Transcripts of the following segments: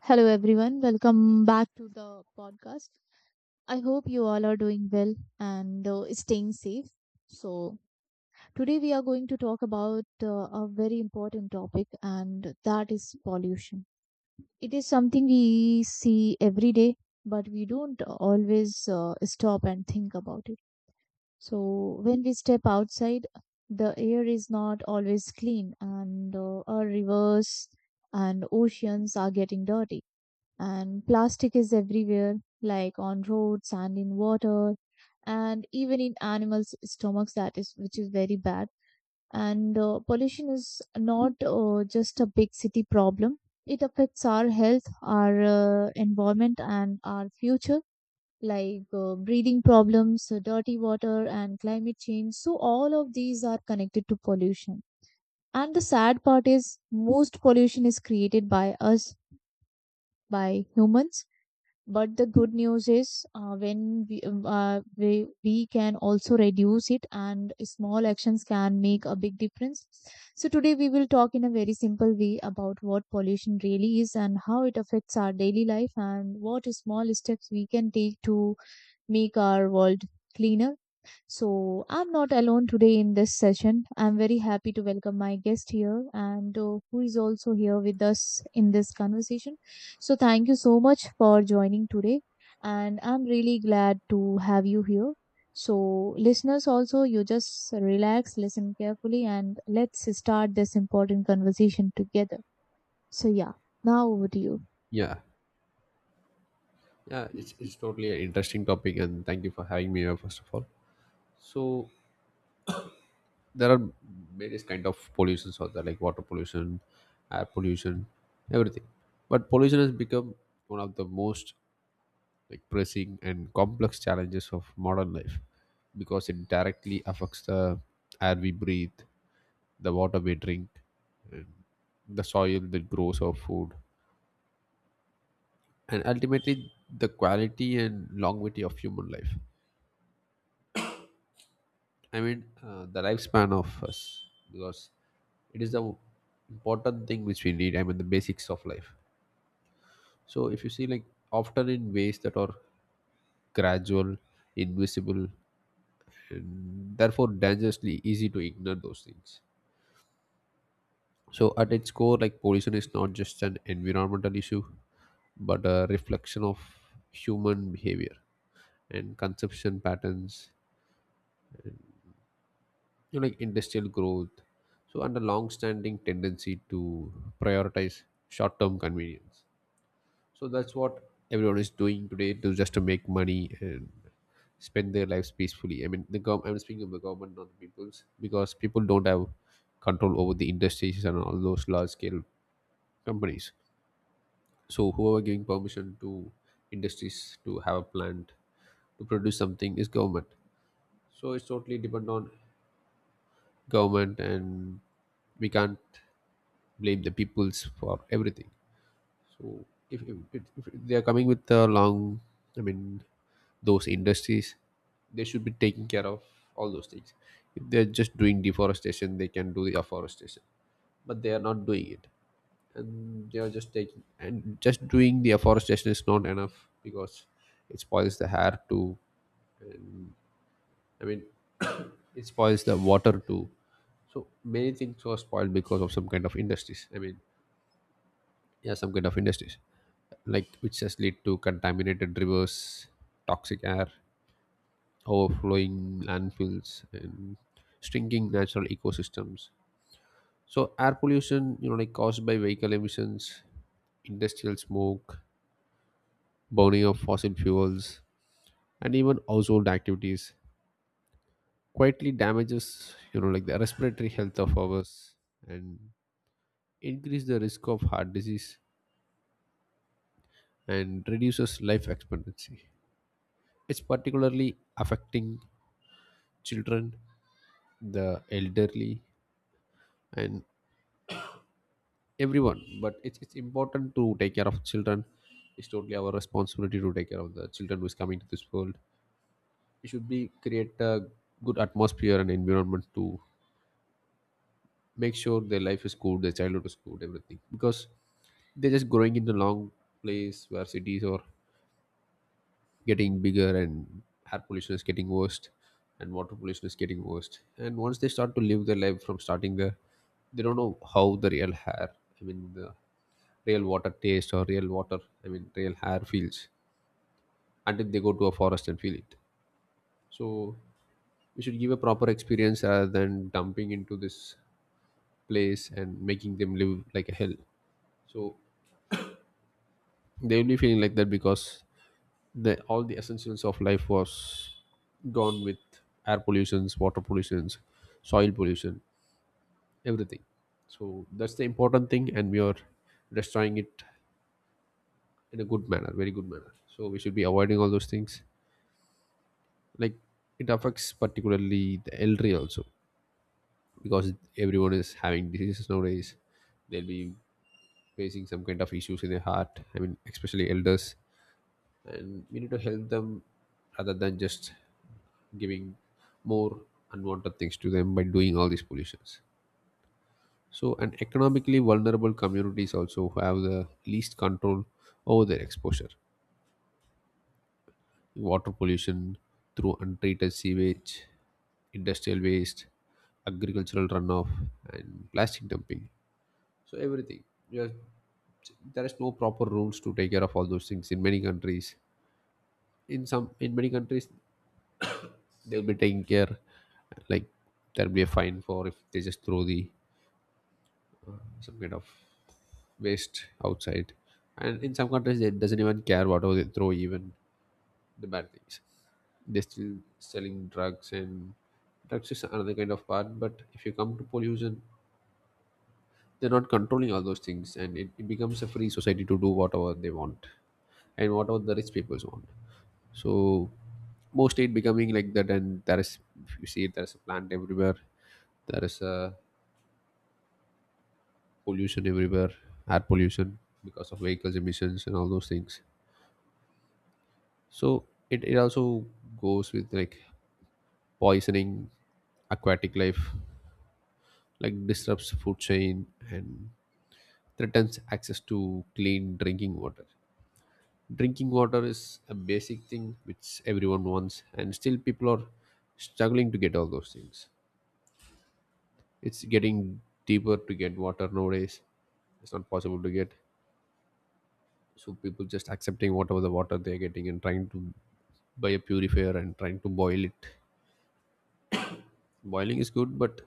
Hello, everyone. Welcome back to the podcast. I hope you all are doing well and staying safe. So, Today we are going to talk about a very important topic, and that is pollution. It is something we see every day, but we don't always stop and think about it. So, when we step outside, the air is not always clean, and our rivers and oceans are getting dirty and plastic is everywhere, like on roads and in water, and even in animals' stomachs. Which is very bad. And pollution is not just a big city problem. It affects our health, our environment, and our future, like breathing problems, dirty water, and climate change. So all of these are connected to pollution. And the sad part is, most pollution is created by us, by humans. But the good news is when we can also reduce it, and small actions can make a big difference. So today we will talk in a very simple way about what pollution really is, and how it affects our daily life, and what small steps we can take to make our world cleaner. So, I'm not alone today in this session. I'm very happy to welcome my guest here, and who is also here with us in this conversation. So, thank you so much for joining today. And I'm really glad to have you here. So, listeners, also, you just relax, listen carefully, and let's start this important conversation together. So, yeah, now over to you. Yeah, yeah, it's totally an interesting topic, and thank you for having me here, first of all. So there are various kind of pollutions out there, like water pollution, air pollution, everything. But pollution has become one of the most like pressing and complex challenges of modern life because it directly affects the air we breathe, the water we drink, and the soil that grows our food, and ultimately the quality and longevity of human life. I mean, the lifespan of us, because it is the important thing which we need. I mean, the basics of life. So, if you see, like, often in ways that are gradual, invisible, and therefore dangerously easy to ignore those things. So, at its core, like, pollution is not just an environmental issue, but a reflection of human behavior and consumption patterns, you know, like industrial growth, so and a long standing tendency to prioritize short term convenience. So that's what everyone is doing today to just to make money and spend their lives peacefully. I mean the I'm speaking of the government, not the people's, because people don't have control over the industries and all those large scale companies. So whoever giving permission to industries to have a plant to produce something is government. So it's totally depend on government, and we can't blame the peoples for everything. So if, if, if they are coming with the long, I mean, those industries, they should be taking care of all those things. If they're just doing deforestation, they can do the afforestation, but they are not doing it, and they are just taking and just doing the afforestation is not enough because it spoils the air too. I mean, it spoils the water too. So many things were spoiled because of some kind of industries. I mean, yeah, some kind of industries like which has led to contaminated rivers, toxic air, overflowing landfills and shrinking natural ecosystems. So air pollution, you know, like caused by vehicle emissions, industrial smoke, burning of fossil fuels, and even household activities quietly damages, you know, like the respiratory health of ours, and increase the risk of heart disease and reduces life expectancy. It's particularly affecting children, the elderly, and everyone. But it's important to take care of children. It's totally our responsibility to take care of the children who is coming to this world. We should be create a good atmosphere and environment to make sure their life is good, their childhood is good, everything. Because they're just growing in the long place where cities or getting bigger, and air pollution is getting worse and water pollution is getting worse, and once they start to live their life from starting there, they don't know how the real hair, I mean the real water taste or real water, I mean real hair feels, until they go to a forest and feel it. So we should give a proper experience rather than dumping into this place and making them live like a hell. So they will be feeling like that because the all the essentials of life was gone with air pollutions, water pollutions, soil pollution, everything. So that's the important thing, and we are destroying it in a good manner, very good manner. So we should be avoiding all those things. Like, it affects particularly the elderly also, because everyone is having diseases nowadays. They'll be facing some kind of issues in their heart, I mean especially elders, and we need to help them rather than just giving more unwanted things to them by doing all these pollutions. So and economically vulnerable communities also have the least control over their exposure. Water pollution through untreated sewage, industrial waste, agricultural runoff, and plastic dumping. So everything just there is no proper rules to take care of all those things in many countries. In some, in many countries, they'll be taking care, like there'll be a fine for if they just throw the some kind of waste outside, and in some countries they doesn't even care whatever they throw, even the bad things. They're still selling drugs, and drugs is another kind of part, but if you come to pollution, they're not controlling all those things, and it becomes a free society to do whatever they want and whatever the rich peoples want. So mostly it becoming like that, and there is if you see there's a plant everywhere, there is a pollution everywhere, air pollution because of vehicles emissions and all those things. So it also goes with like poisoning aquatic life, like disrupts food chain and threatens access to clean drinking water. Drinking water is a basic thing which everyone wants, and still people are struggling to get all those things. It's getting deeper to get water nowadays. It's not possible to get. So people just accepting whatever the water they're getting and trying to buy a purifier and trying to boil it. Boiling is good, but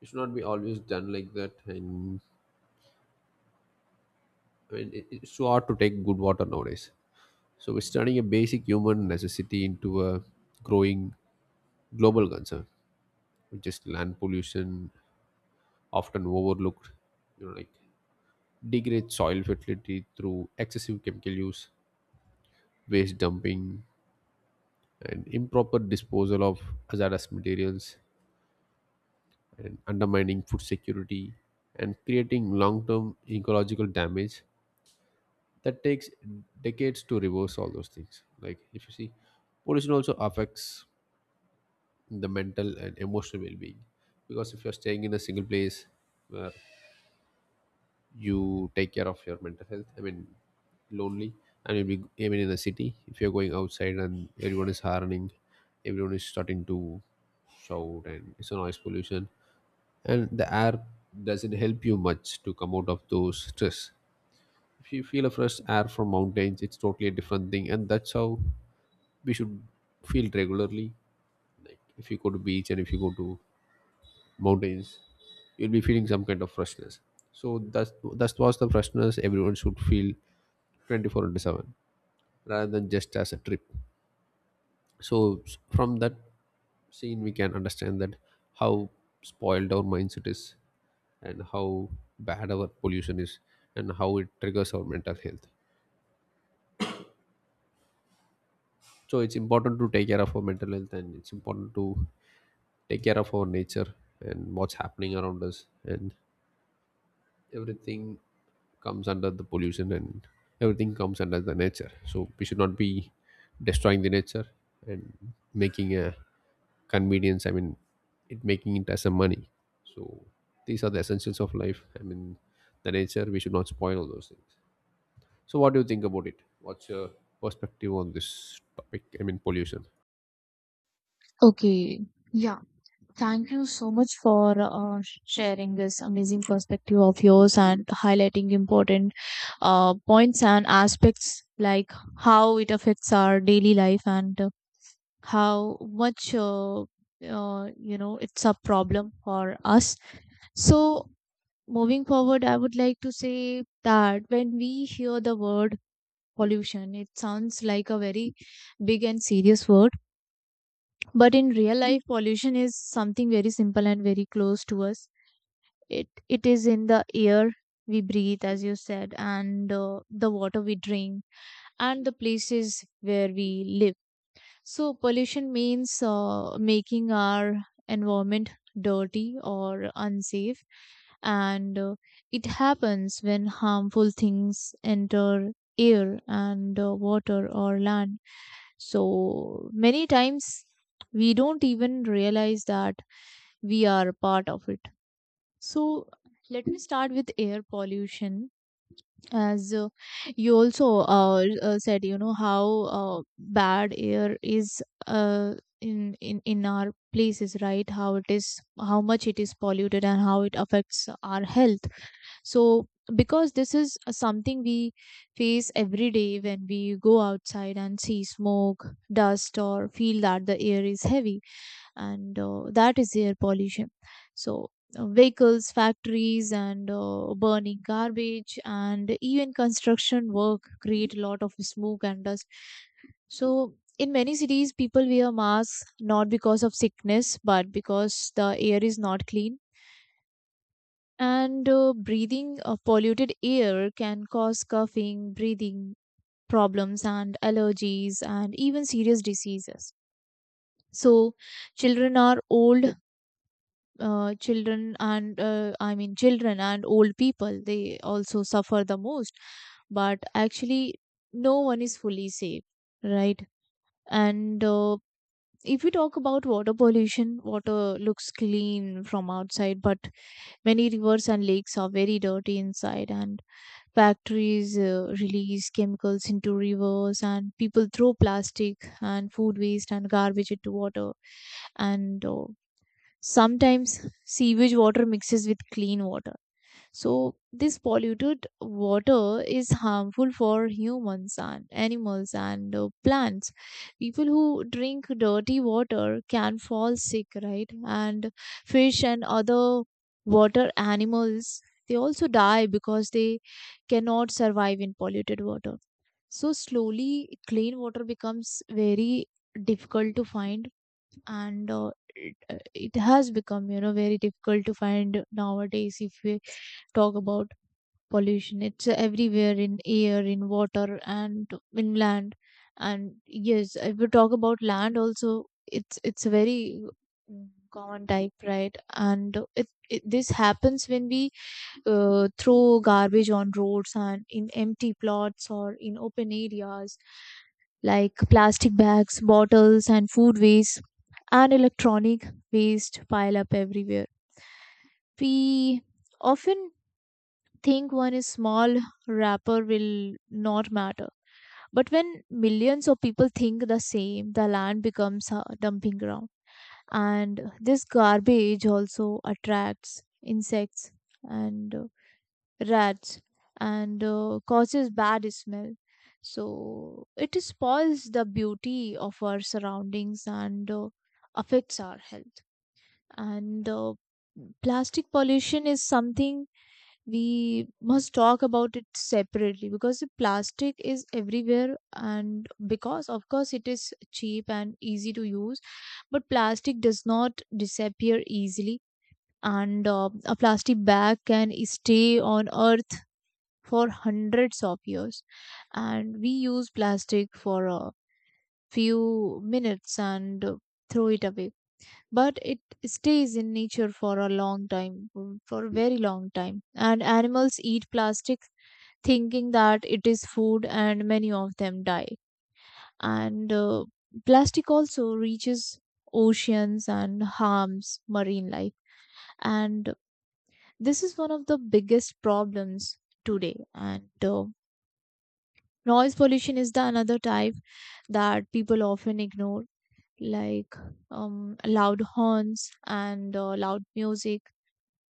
it should not be always done like that. And I mean, it's so hard to take good water nowadays. So we're turning a basic human necessity into a growing global concern, which is land pollution, often overlooked, you know, like degrade soil fertility through excessive chemical use, waste dumping, and improper disposal of hazardous materials, and undermining food security, and creating long term ecological damage that takes decades to reverse all those things. Like, if you see, pollution also affects the mental and emotional well being, because if you're staying in a single place, uh, you take care of your mental health, I mean lonely. And you'll be even in the city, if you're going outside and everyone is harning, everyone is starting to shout, and it's a noise pollution, and the air doesn't help you much to come out of those stress. If you feel a fresh air from mountains, it's totally a different thing, and that's how we should feel regularly. If you go to beach and if you go to mountains, you'll be feeling some kind of freshness. So that's that was the freshness everyone should feel 24 into 7 rather than just as a trip. So from that scene we can understand that how spoiled our mindset is and how bad our pollution is and how it triggers our mental health. So it's important to take care of our mental health, and it's important to take care of our nature and what's happening around us, and everything comes under the pollution, and everything comes under the nature. So we should not be destroying the nature and making a convenience, I mean it making it as a money. So these are the essentials of life, I mean the nature, we should not spoil all those things. So what do you think about it? What's your perspective on this topic? I mean pollution. Okay. Yeah. Thank you so much for sharing this amazing perspective of yours and highlighting important points and aspects, like how it affects our daily life and how much you know it's a problem for us. So, moving forward, I would like to say that when we hear the word pollution, it sounds like a very big and serious word, but in real life, pollution is something very simple and very close to us. It is in the air we breathe, as you said, and the water we drink, and the places where we live. So pollution means making our environment dirty or unsafe. And it happens when harmful things enter air and water or land. So many times we don't even realize that we are part of it. So let me start with air pollution, as you also said, you know how bad air is uh, in our places, right? How it is, how much it is polluted, and how it affects our health. So, because this is something we face every day when we go outside and see smoke, dust, or feel that the air is heavy, and that is air pollution. So vehicles, factories, and burning garbage, and even construction work create a lot of smoke and dust. So in many cities people wear masks, not because of sickness but because the air is not clean. And breathing polluted air can cause coughing, breathing problems, and allergies, and even serious diseases. So children are old children and I mean children and old people, they also suffer the most. But actually, no one is fully safe, right? And if we talk about water pollution, water looks clean from outside, but many rivers and lakes are very dirty inside. And factories release chemicals into rivers, and people throw plastic and food waste and garbage into water. And Sometimes sewage water mixes with clean water. So, this polluted water is harmful for humans and animals and plants. People who drink dirty water can fall sick, right? And fish and other water animals, they also die because they cannot survive in polluted water. So, slowly, clean water becomes very difficult to find. And it has become, you know, very difficult to find nowadays. If we talk about pollution, it's everywhere, in air, in water, and in land. And yes, if we talk about land also, it's a very common type, right? And it this happens when we throw garbage on roads and in empty plots or in open areas, like plastic bags, bottles, and food waste, and electronic waste pile up everywhere. We often think one is small, wrapper will not matter. But when millions of people think the same, the land becomes a dumping ground. And this garbage also attracts insects and rats, and causes bad smell. So it spoils the beauty of our surroundings and affects our health. And plastic pollution is something we must talk about it separately, because the plastic is everywhere, and because of course it is cheap and easy to use. But plastic does not disappear easily. And a plastic bag can stay on earth for hundreds of years. And we use plastic for a few minutes and throw it away, but it stays in nature for a long time, for a very long time. And animals eat plastic thinking that it is food, and many of them die. And plastic also reaches oceans and harms marine life, and this is one of the biggest problems today. And noise pollution is the another type that people often ignore, like loud horns and loud music,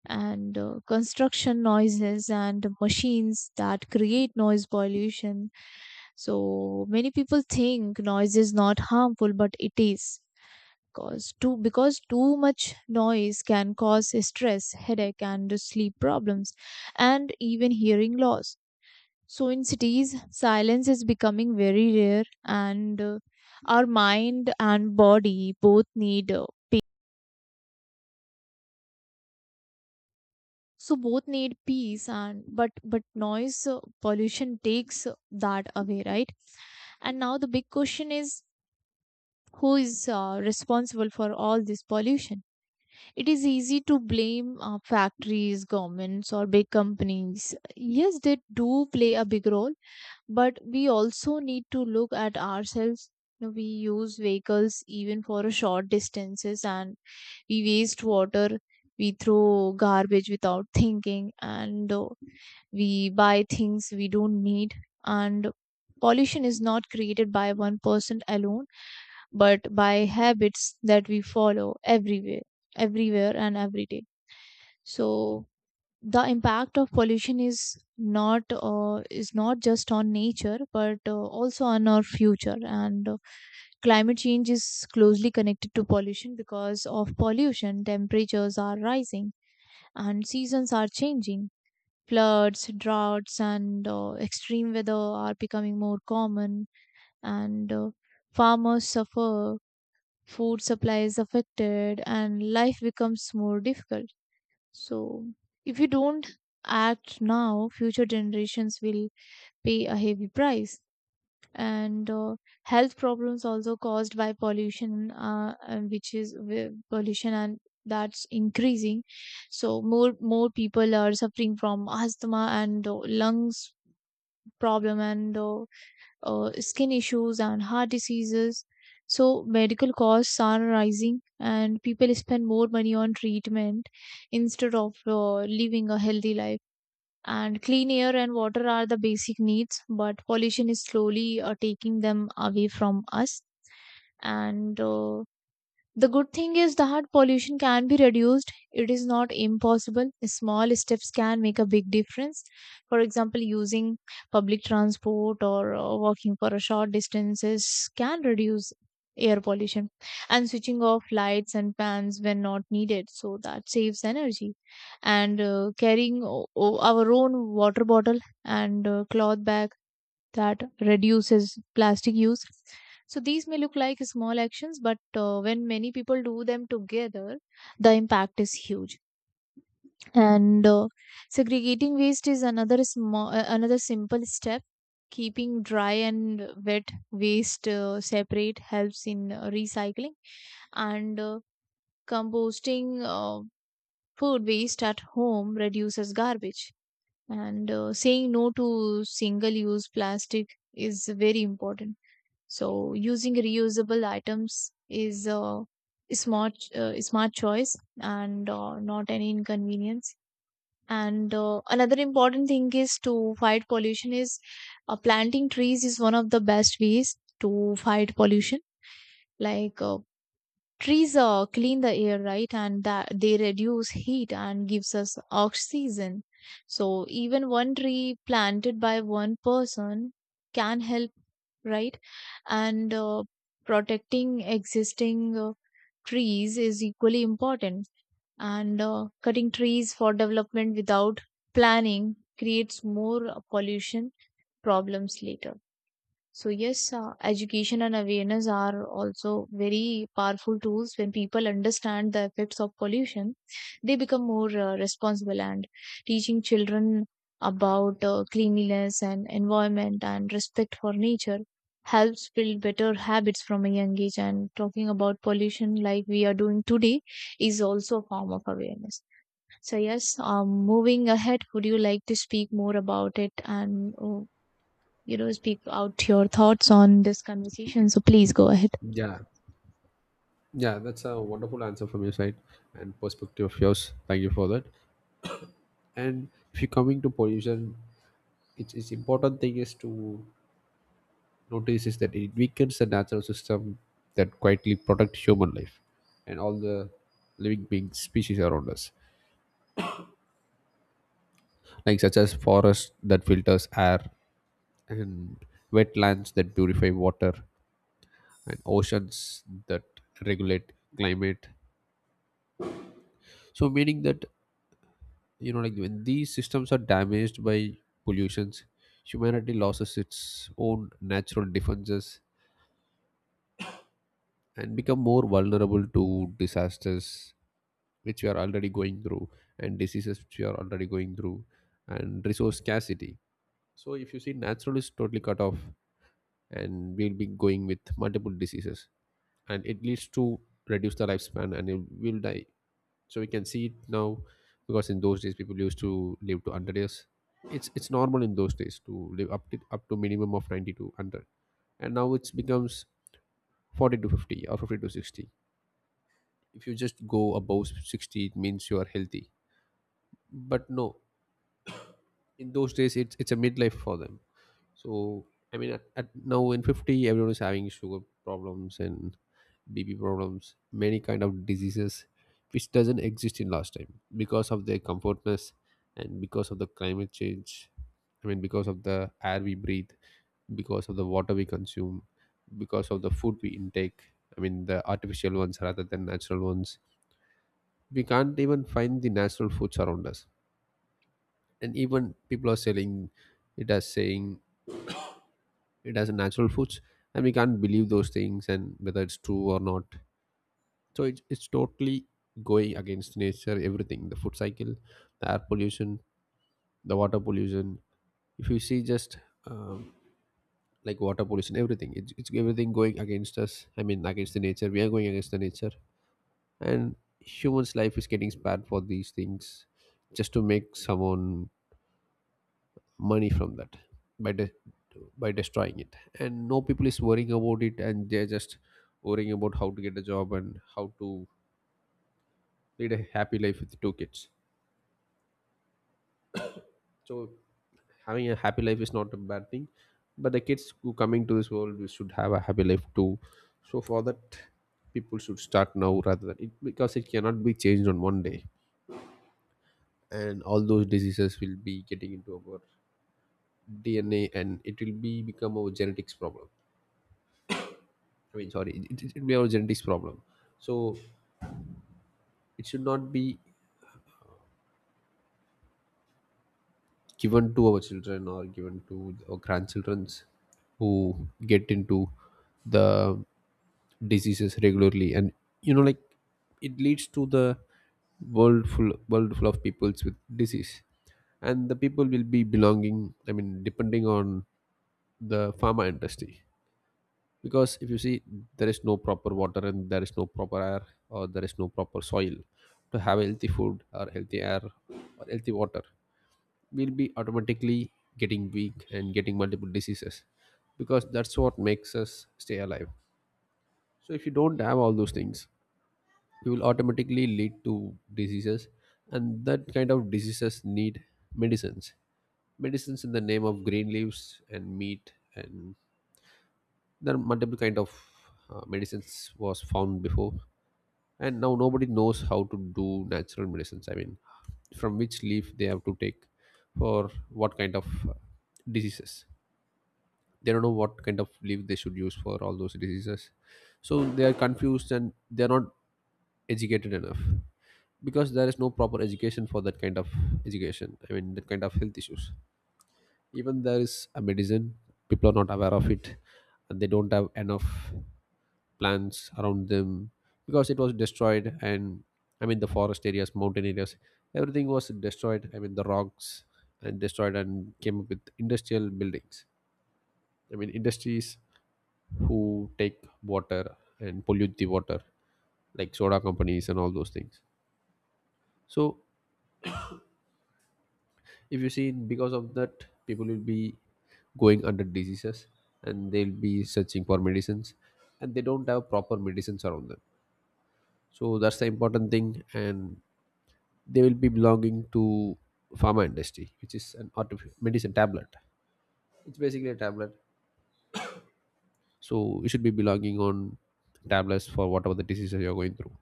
and construction noises and machines that create noise pollution. So many people think noise is not harmful, but it is, because too much noise can cause stress, headache, and sleep problems, and even hearing loss. So in cities, silence is becoming very rare, and our mind and body both need so both need peace and but noise pollution takes that away, right? And now the big question is, who is responsible for all this pollution? It is easy to blame factories, governments, or big companies. Yes, they do play a big role, but we also need to look at ourselves. You know, we use vehicles even for a short distances, and we waste water, we throw garbage without thinking, and we buy things we don't need. And pollution is not created by one person alone, but by habits that we follow everywhere, everywhere and every day. So the impact of pollution is not just on nature but also on our future. And climate change is closely connected to pollution. Because of pollution, temperatures are rising and seasons are changing. Floods, droughts, and extreme weather are becoming more common, and farmers suffer, food supply is affected, and life becomes more difficult. So, if you don't act now, future generations will pay a heavy price. And health problems also caused by pollution and which is wi- pollution, and that's increasing. So more people are suffering from asthma and lungs problem, and skin issues and heart diseases. So medical costs are rising, and people spend more money on treatment instead of living a healthy life. And clean air and water are the basic needs, but pollution is slowly taking them away from us. And the good thing is that pollution can be reduced. It is not impossible. Small steps can make a big difference. For example, using public transport or walking for a short distances can reduce air pollution. And switching off lights and fans when not needed, so that saves energy. And carrying our own water bottle and cloth bag, that reduces plastic use. So these may look like small actions, but when many people do them together, the impact is huge. And segregating waste is another small, another simple step. Keeping dry and wet waste separate helps in recycling, and composting food waste at home reduces garbage. And saying no to single-use plastic is very important. So using reusable items is a smart choice and not any inconvenience. And another important thing is to fight pollution is planting trees is one of the best ways to fight pollution. Like trees clean the air, right? And that they reduce heat and gives us oxygen. So even one tree planted by one person can help, right? And protecting existing trees is equally important. And cutting trees for development without planning creates more pollution problems later. So yes, education and awareness are also very powerful tools. When people understand the effects of pollution, they become more responsible. And teaching children about cleanliness and environment and respect for nature helps build better habits from a young age. And talking about pollution, like we are doing today, is also a form of awareness. So yes, moving ahead, would you like to speak more about it and you know, speak out your thoughts on this conversation? So please go ahead. Yeah, yeah, that's a wonderful answer from your side and perspective of yours. Thank you for that. And if you're coming to pollution, it's important thing is to notice is that it weakens the natural system that quietly protect human life and all the living beings species around us, like such as forests that filters air and wetlands that purify water and oceans that regulate climate. So meaning that, you know, like when these systems are damaged by pollutions, humanity loses its own natural defenses and become more vulnerable to disasters which we are already going through, and diseases which we are already going through, and resource scarcity. So if you see natural is totally cut off, and we'll be going with multiple diseases, and it leads to reduce the lifespan and it will die. So we can see it now, because in those days people used to live to 100 years. It's normal in those days to live up to minimum of 90 to 100, and now it becomes 40 to 50 or 50 to 60. If you just go above 60, it means you are healthy. But no, in those days it's a midlife for them. So I mean, at now in 50 everyone is having sugar problems and bp problems, many kind of diseases which doesn't exist in last time because of their comfortness, and because of the climate change, I mean because of the air we breathe, because of the water we consume, because of the food we intake, I mean the artificial ones rather than natural ones. We can't even find the natural foods around us, and even people are selling it as saying it has a natural foods, and we can't believe those things and whether it's true or not. So it's totally going against nature, everything, the food cycle, the air pollution, the water pollution. If you see just um, like water pollution everything, it's everything going against us, I mean against the nature, we are going against the nature, and humans life is getting spared for these things just to make someone money from that by de- by destroying it and no people is worrying about it, and they're just worrying about how to get a job and how to lead a happy life with two kids. So having a happy life is not a bad thing, but the kids who coming to this world, we should have a happy life too. So for that, people should start now rather than it, because it cannot be changed on one day. And all those diseases will be getting into our dna, and it will be become our genetics problem. It may have a genetics problem. So it should not be given to our children or given to our grandchildrens who get into the diseases regularly. And like, it leads to the world full of peoples with disease, and the people will be belonging. I mean, depending on the pharma industry. Because if you see, there is no proper water and there is no proper air or there is no proper soil to have healthy food or healthy air or healthy water, we'll be automatically getting weak and getting multiple diseases, because that's what makes us stay alive. So if you don't have all those things, you will automatically lead to diseases, and that kind of diseases need medicines. Medicines in the name of green leaves and meat, and there are multiple kind of medicines was found before, and now nobody knows how to do natural medicines. I mean, from which leaf they have to take for what kind of diseases. They don't know what kind of leaf they should use for all those diseases. So they are confused and they are not educated enough, because there is no proper education for that kind of education. I mean that kind of health issues. Even there is a medicine, people are not aware of it, and they don't have enough plants around them, because it was destroyed. And I mean the forest areas, mountain areas, everything was destroyed. I mean the rocks and destroyed and came up with industrial buildings. I mean industries who take water and pollute the water, like soda companies and all those things. So if you see, because of that, people will be going under diseases, and they'll be searching for medicines, and they don't have proper medicines around them. So that's the important thing. And they will be belonging to pharma industry, which is an artificial medicine tablet. It's basically a tablet. So you should be belonging on tablets for whatever the diseases you're going through,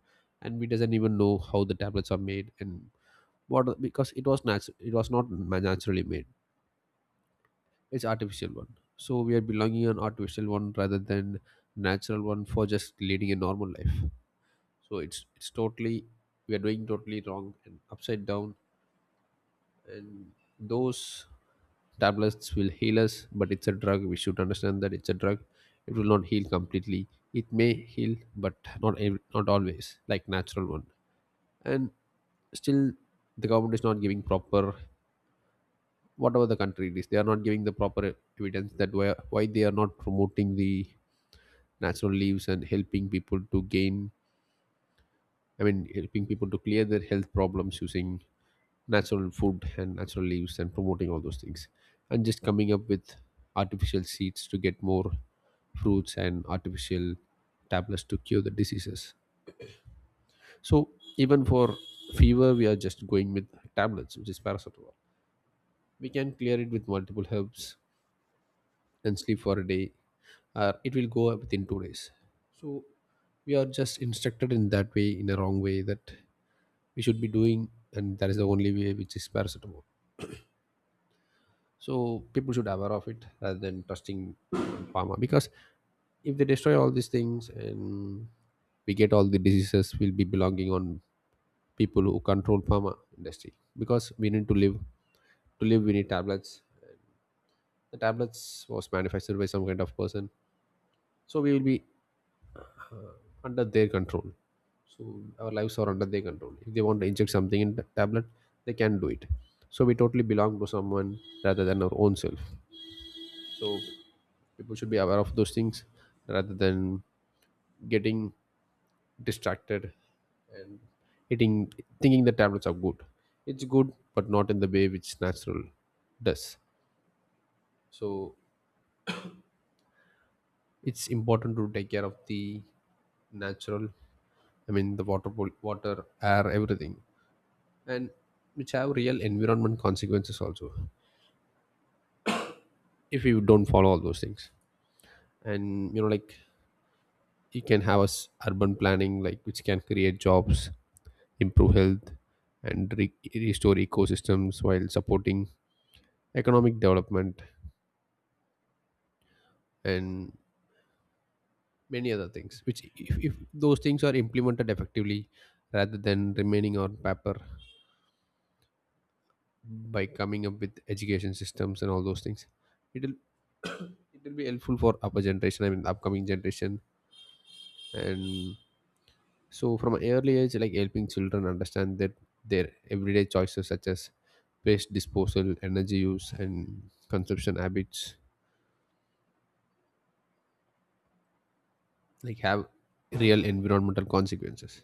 and we doesn't even know how the tablets are made. And what? Because it was natural, it was not ma- naturally made. It's artificial one. So we are belonging an artificial one rather than natural one, for just leading a normal life. So it's totally, we are doing totally wrong and upside down. And those tablets will heal us, but it's a drug. We should understand that it's a drug. It will not heal completely. It may heal, but not always like natural one. And still, the government is not giving proper, whatever the country it is, they are not giving the proper evidence that why they are not promoting the natural leaves and helping people to gain, I mean helping people to clear their health problems using natural food and natural leaves and promoting all those things, and just coming up with artificial seeds to get more fruits and artificial tablets to cure the diseases. So even for fever, we are just going with tablets, which is paracetamol. We can clear it with multiple herbs, then sleep for a day, or it will go up within 2 days. So we are just instructed in that way, in a wrong way, that we should be doing, and that is the only way, which is paracetamol. So people should aware of it, rather than trusting pharma. Because if they destroy all these things and we get all the diseases, will be belonging on people who control pharma industry. Because we need to live. To live, we need tablets. The tablets was manufactured by some kind of person, so we will be under their control. So our lives are under their control. If they want to inject something in the tablet, they can do it. So we totally belong to someone rather than our own self. So people should be aware of those things, rather than getting distracted and eating, thinking the tablets are good. It's good, but not in the way which natural does. So it's important to take care of the natural. I mean the water, water, air, everything. And which have real environment consequences also, if you don't follow all those things. And like, you can have us urban planning, like, which can create jobs, improve health, and restore ecosystems while supporting economic development and many other things, which, if those things are implemented effectively rather than remaining on paper, by coming up with education systems and all those things, it'll it will be helpful for upper generation, I mean upcoming generation. And so from an early age, like helping children understand that their everyday choices, such as waste disposal, energy use, and consumption habits, like, have real environmental consequences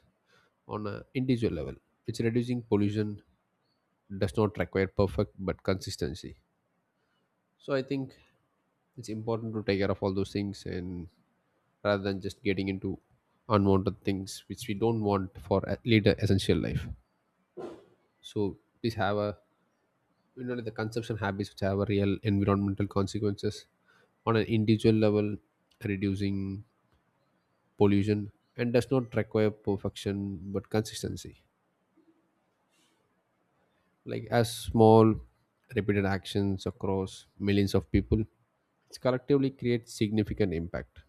on a individual level. It's reducing pollution does not require perfect but consistency. So I think it's important to take care of all those things, and rather than just getting into unwanted things which we don't want for later essential life. So please have a, you know, the consumption habits which have a real environmental consequences on an individual level, reducing pollution, and does not require perfection but consistency. Like as small repeated actions across millions of people, it's collectively creates significant impact.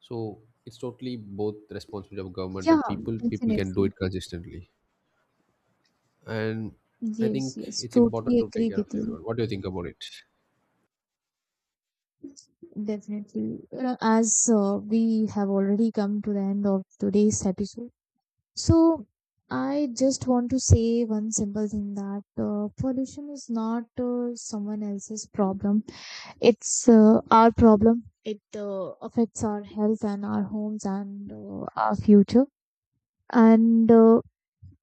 So it's totally both responsibility of government Yeah, and people. People can do definitely. it consistently. And I Yes, think yes, it's important totally to take agree care of with you. everyone. What do you think about it? Definitely. You know, as we have already come to the end of today's episode, so I just want to say one simple thing, that pollution is not someone else's problem. It's our problem. It affects our health and our homes and our future. And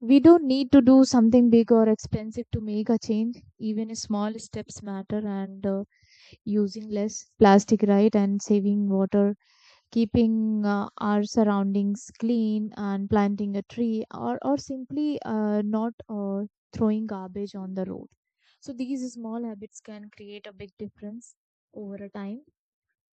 we don't need to do something big or expensive to make a change. Even small steps matter, and using less plastic, right, and saving water, keeping our surroundings clean, and planting a tree, or simply not throwing garbage on the road. So, these small habits can create a big difference over a time.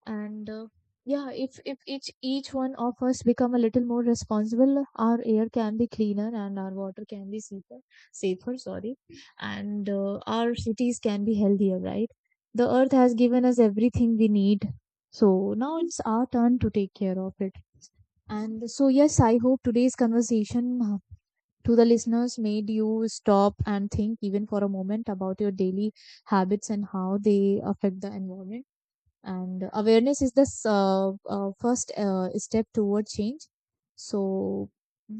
And yeah, if each one of us become a little more responsible, our air can be cleaner, and our water can be safer, safer sorry and our cities can be healthier, right? The earth has given us everything we need, so now it's our turn to take care of it. And so yes, I hope today's conversation, to the listeners, made you stop and think, even for a moment, about your daily habits and how they affect the environment. And awareness is the first step toward change. So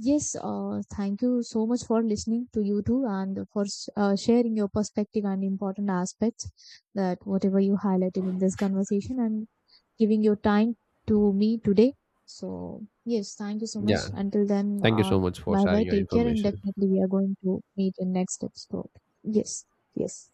yes, thank you so much for listening to you too, and for sharing your perspective and important aspects that whatever you highlighted in this conversation, and giving your time to me today. So yes, thank you so much. Yeah, Until then, thank you so much for bye bye, sharing your take care, and information. definitely we are going to meet in next episode. Yes. Yes.